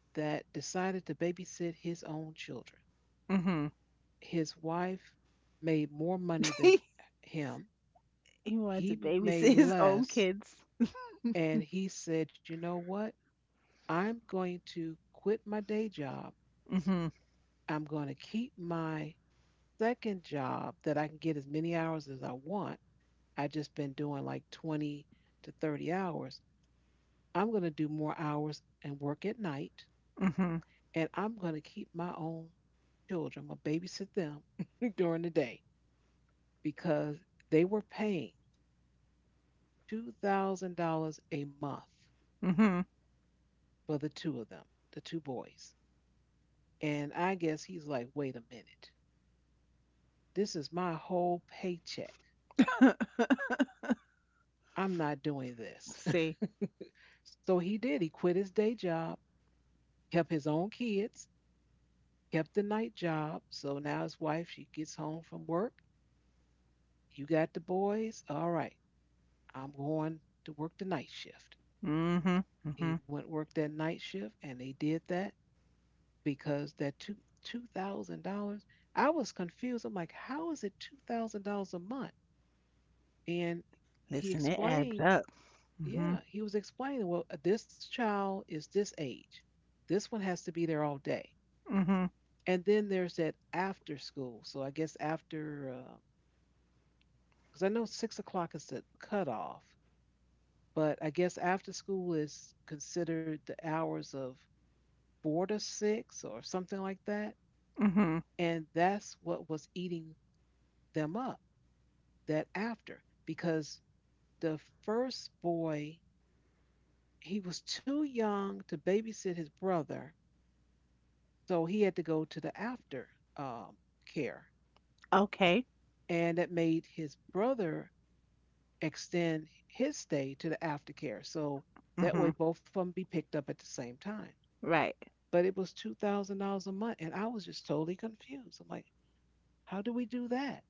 that decided to babysit his own children.
Hmm.
His wife made more money than
He
him.
wanted to
He made
babysit his own
less.
kids.
And he said, you know what? I'm going to quit my day job.
Hmm.
I'm going to keep my second job that I can get as many hours as I want. I just been doing like 20 to 30 hours. I'm going to do more hours and work at night.
Hmm.
And I'm going to keep my own children. I'm going to babysit them during the day because they were paying $2,000 a month
Hmm.
for the two of them, the two boys. And I guess he's like, wait a minute, this is my whole paycheck. I'm not doing this.
See,
So he did. He quit his day job, kept his own kids, kept the night job. So now his wife, she gets home from work. You got the boys. All right, I'm going to work the night shift.
hmm.
He
Hmm.
went work that night shift and they did that. Because that two thousand dollars, I was confused. I'm like, how is it $2,000 a month? And he
Listen, it adds
explained,
up. Hmm.
yeah, he was explaining, well, this child is this age. This one has to be there all day.
Hmm.
And then there's that after school. So I guess after, because I know 6 o'clock is the cutoff, but I guess after school is considered the hours of 4 to 6 or something like that.
Hmm.
And that's what was eating them up, that after, because the first boy, he was too young to babysit his brother, so he had to go to the after um, care,
Okay,
and that made his brother extend his stay to the aftercare. So that
hmm.
way, both of them be picked up at the same time.
Right.
But it was $2,000 a month, and I was just totally confused. I'm like, how do we do that?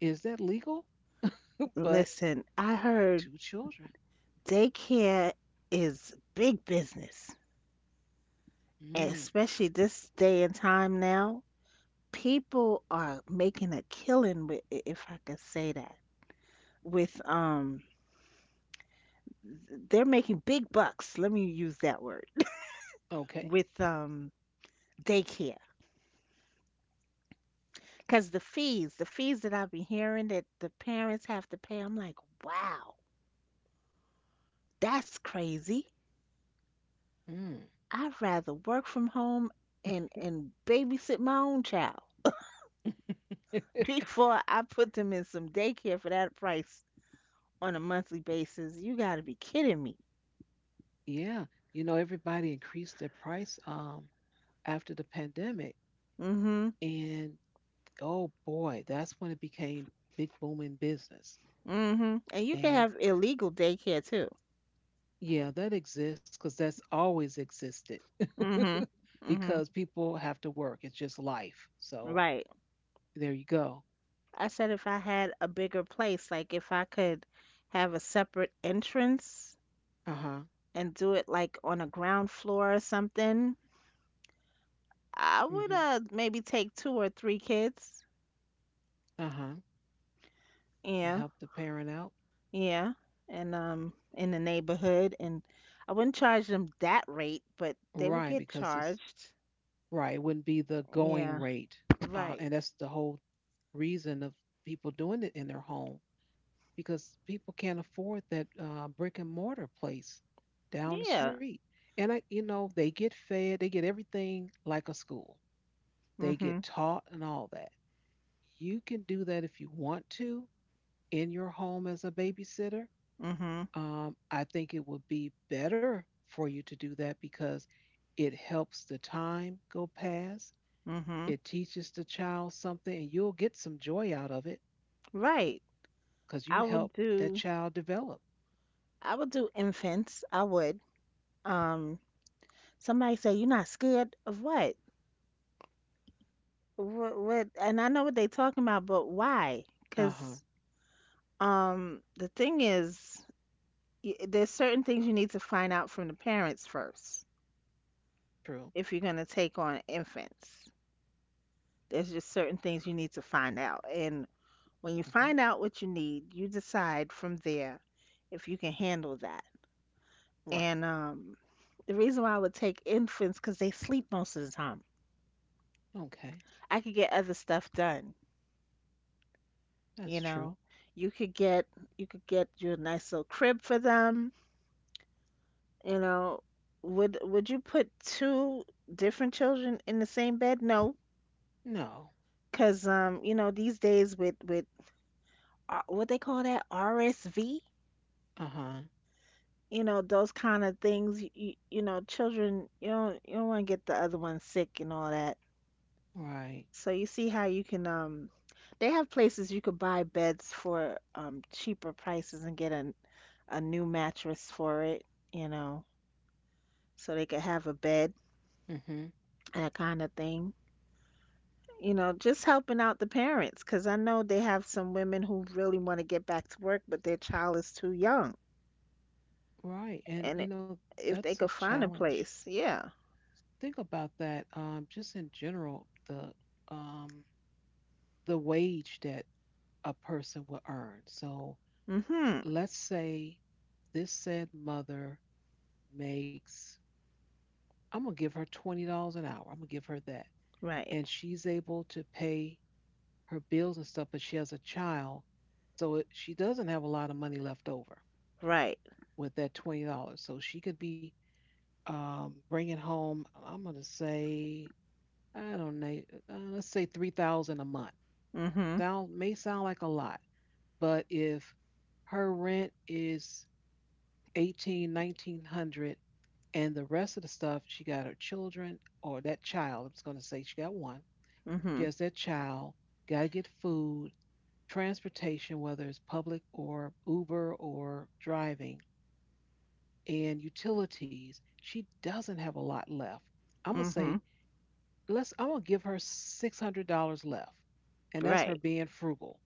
Is that legal? But
Listen, I heard
two children.
daycare is big business.
Mm,
Especially this day and time now, people are making a killing with, if I could say that, with they're making big bucks. Let me use that word
okay.
with daycare because the fees that I've been hearing that the parents have to pay, I'm like, wow, that's crazy.
Mm.
I'd rather work from home and babysit my own child before I put them in some daycare for that price on a monthly basis. You got to be kidding me.
Yeah, everybody increased their price after the pandemic.
Mhm.
And oh boy, that's when it became big booming business.
Mhm. And you can
And
have illegal daycare too.
yeah, that exists because that's always existed
Mhm. Mhm.
because people have to work. It's just life. So
Right.
there you go.
I said if I had a bigger place, like if I could have a separate entrance
Uh huh.
and do it like on a ground floor or something, I would
Hmm.
maybe take two or three kids.
Uh huh. It
Yeah.
helped the parent out.
Yeah. And in the neighborhood and I wouldn't charge them that rate, but they would
Right.
get
Because it's
charged.
right. It wouldn't be the going
Yeah.
rate. Uh,
Right.
and that's the whole reason of people doing it in their home because people can't afford that brick and mortar place down the
Yeah.
street. And they get fed, they get everything like a school. They
Mhm.
get taught and all that. You can do that if you want to in your home as a babysitter.
Mhm.
I think it would be better for you to do that because it helps the time go past.
Mhm.
It teaches the child something, and you'll get some joy out of it
Right.
because you
I would
help that
do
child develop.
I would do infants. I would. Um somebody say you're not scared of what? What and I know what they talking about, but why?
Uh huh.
'Cause the thing is y- there's certain things you need to find out from the parents first
True.
if you're going to take on infants. There's just certain things you need to find out. And when you
Mm-hmm.
find out what you need, you decide from there if you can handle that. And
Right.
the reason why I would take infants because they sleep most of the time.
Okay.
I could get other stuff done, you
That's
know.
true.
You could get you could get you a nice little crib for them, you know. Would you put two different children in the same bed? No,
No.
because you know, these days with what they call that RSV,
Uh huh.
you know, those kind of things. You know, children, you don't want to get the other one sick and all that.
Right.
So you see how you can they have places you could buy beds for cheaper prices and get a new mattress for it, you know, so they could have a bed,
Mm-hmm.
that kind of thing. You know, just helping out the parents 'cause I know they have some women who really want to get back to work, but their child is too young.
Right. And
And it-
you know,
if
that's
they
a
could find a
challenge.
place, yeah.
Think about that. Just in general, the um wage that a person will earn. So
Mhm.
let's say this said mother makes, I'm gonna give her $20 an hour. I'm gonna give her that.
Right.
And she's able to pay her bills and stuff, but she has a child, so she doesn't have a lot of money left over
Right.
with that $20. So she could be bringing home, I'm gonna say, I don't know, let's say 3,000 a month.
Mhm.
Sound like a lot, but if her rent is 18, 1,900, and the rest of the stuff, she got her children, or that child. I'm just gonna say she got one. She
Mhm.
has that child. Gotta get food, transportation, whether it's public or Uber or driving, and utilities. She doesn't have a lot left. I'm gonna say,
Mhm.
let's I'm gonna give her $600 left. And that's her
Right.
being frugal.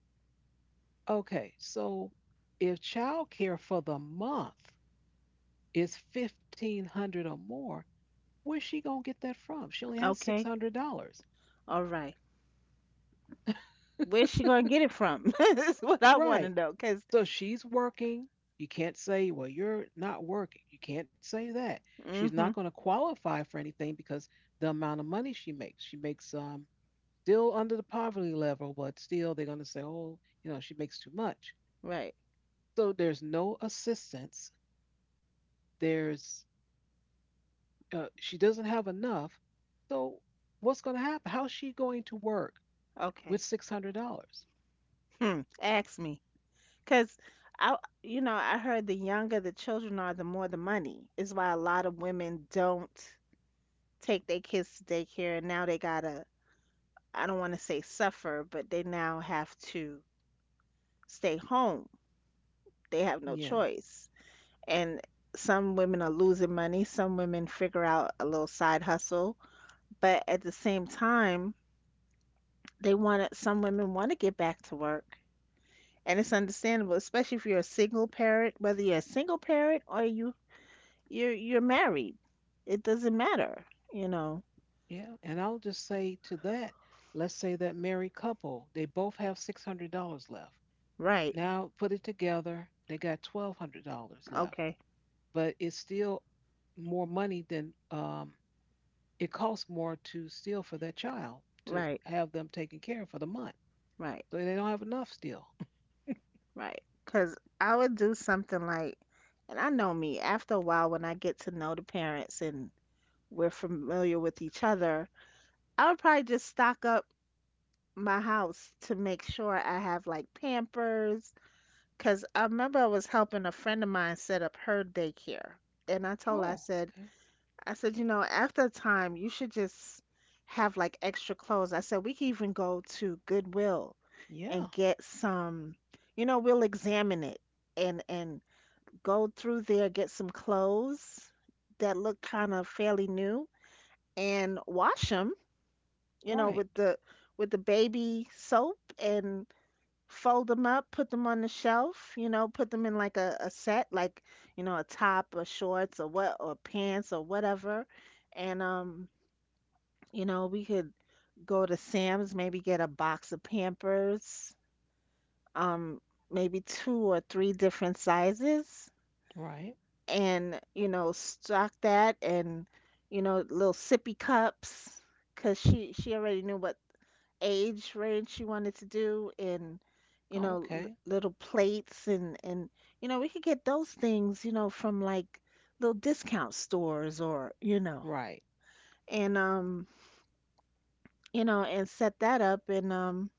Okay, so if childcare for the month is 1,500 or more, where's she gonna get that from? She only has six
Okay.
hundred dollars.
All right. Where's she gonna get it from? That's what I want to
Right.
know. Because
So she's working. You can't say, well, you're not working. You can't say that. She's not
mm-hmm,
gonna qualify for anything because the amount of money she makes. She makes, still under the poverty level, but still they're going to say, oh, you know, she makes too much.
right,
So there's no assistance. There's She doesn't have enough. So what's going to happen? How's she going to work
okay,
with $600?
hmm, ask me, cause I, I heard the younger the children are, the more the money is why a lot of women don't take their kids to daycare, and now they gotta, I don't want to say suffer, but they now have to stay home. They have no
Yeah,
choice, and some women are losing money. Some women figure out a little side hustle, but at the same time some women want to get back to work, and it's understandable, especially if you're a single parent, whether you're a single parent or you're married. It doesn't matter, you know.
yeah. And I'll just say to that, let's say that married couple, they both have $600 left.
Right.
Now put it together, they got $1,200 left,
Okay.
but it's still more money than, it costs more to steal for that child to
Right.
have them taken care of for the month.
Right.
So they don't have enough still.
Right. Cuz I would do something like and I know me, after a while when I get to know the parents and we're familiar with each other, I would probably just stock up my house to make sure I have like Pampers. Because I remember I was helping a friend of mine set up her daycare. And I told her,
Oh, okay.
I said, you know, after a time, you should just have like extra clothes. I said, we can even go to Goodwill and
Yeah.
get some, we'll examine it and go through there, get some clothes that look kind of fairly new and wash them, you know,
Right.
with the baby soap and fold them up, put them on the shelf, you know, put them in like a set, like, you know, a top or shorts or what or pants or whatever. And you know, we could go to Sam's, maybe get a box of Pampers, um, maybe two or three different sizes
Right.
and, you know, stock that and, you know, little sippy cups, 'cause she already knew what age range you wanted to do and
Oh,
l-
okay.
little plates and you know we could get those things you know from like little discount stores or
Right.
and you know and set that up and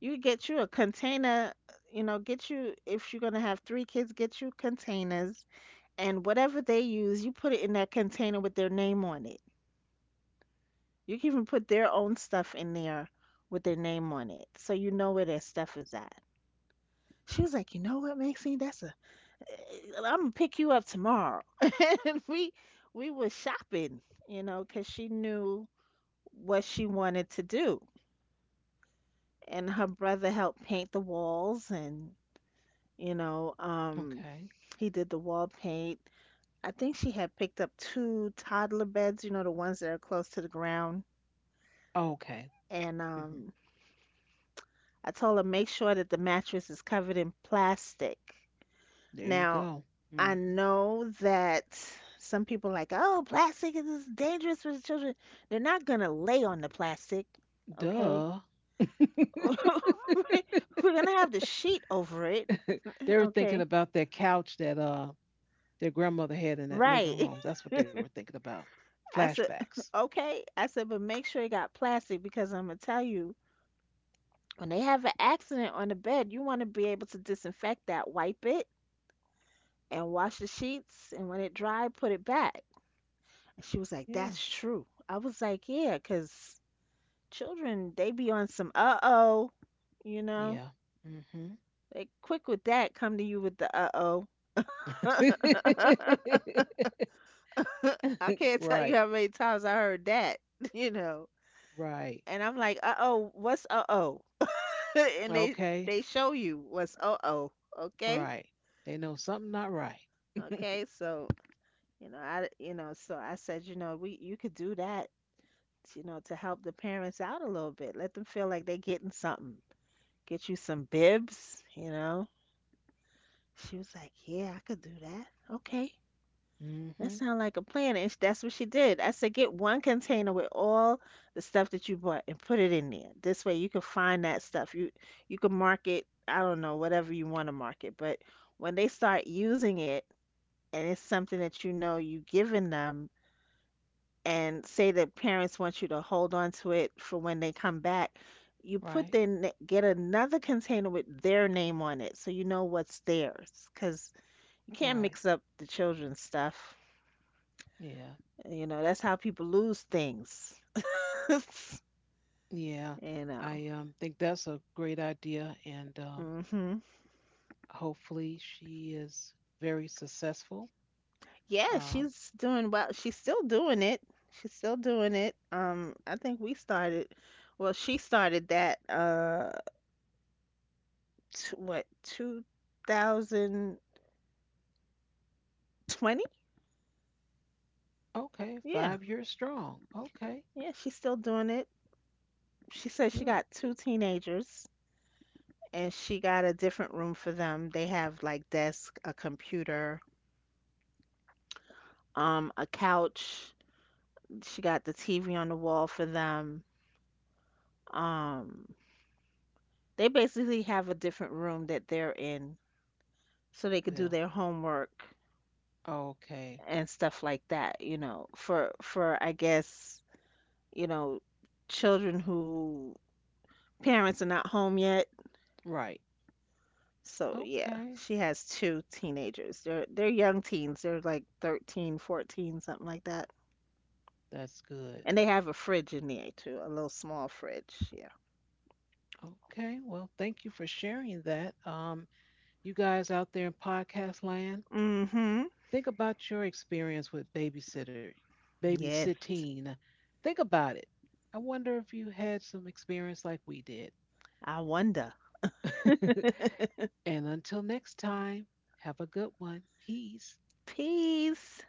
you could get you a container you know get you if you're going to have three kids get you containers and whatever they use you put it in that container with their name on it you can even put their own stuff in there with their name on it so you know where their stuff is at. She was like, you know what, Maxine? That's a eh, I'm gonna pick you up tomorrow. And we was shopping, you know, 'cause she knew what she wanted to do. And her brother helped paint the walls and you know,
Okay.
he did the wall paint. I think she had picked up two toddler beds, you know, the ones that are close to the ground.
Okay.
And
Hmm.
I told her make sure that the mattress is covered in plastic.
There you
Now,
go.
I
Hmm.
know that some people like, oh, plastic is dangerous for the children. They're not gonna lay on the plastic, okay?
Duh.
We're gonna have the sheet over it,
They were thinking
okay?
about that couch that their grandmother had in that living
Right.
room. That's what they were thinking about.
I said,
Flashbacks.
okay. I said, but make sure it got plastic because I'm gonna tell you, when they have an accident on the bed, you want to be able to disinfect that, wipe it, and wash the sheets, and when it dry, put it back. And she was like,
Yeah.
that's true. I was like, yeah, because children they be on some uh-oh, you know,
Yeah. Mhm.
they quick with that, come to you with the uh-oh. I can't tell
Right.
you how many times I heard that. You know,
Right.
and I'm like, uh-oh, what's uh-oh? And
Okay.
they show you what's uh-oh, okay.
Right. They know something not right.
Okay, so you know I you know so I said, you know, we you could do that, you know, to help the parents out a little bit, let them feel like they getting something. Get you some bibs, you know. She was like, yeah, I could do that. Okay. That
Mhm.
sounds like a plan. And sh- that's what she did. I said, get one container with all the stuff that you bought and put it in there. This way you can find that stuff. You can mark it, I don't know, whatever you want to mark it. But when they start using it and it's something that you know you've given them, and say that parents want you to hold on to it for when they come back, you put
Right.
then get another container with their name on it so you know what's theirs. Because you can't mix
Right.
up the children's stuff.
Yeah.
You know, that's how people lose things.
Yeah.
You know.
I think that's a great idea, and
Mhm.
hopefully she is very successful.
Yeah,
Um
she's doing well. She's still doing it. She's still doing it. I think we started, well, she started that t what, 2020?
okay,
Yeah.
5 years strong. Okay.
Yeah, she's still doing it. She said she
Good.
got two teenagers and she got a different room for them. They have like desk, a computer, a couch. She got the TV on the wall for them. Um, they basically have a different room that they're in so they could do
Ew.
their homework
Okay.
and stuff like that, you know, for I guess, you know, children who parents are not home yet.
Right.
So yeah,
Okay.
she has two teenagers. They're young teens. They're like 13, 14, something like that.
That's good.
And they have a fridge in there too, a little small fridge. Yeah.
Okay. Well, thank you for sharing that. You guys out there in podcast land,
Hmm.
think about your experience with
Yes.
babysitting. Think about it. I wonder if you had some experience like we did.
I wonder.
And until next time, have a good one. Peace.
Peace.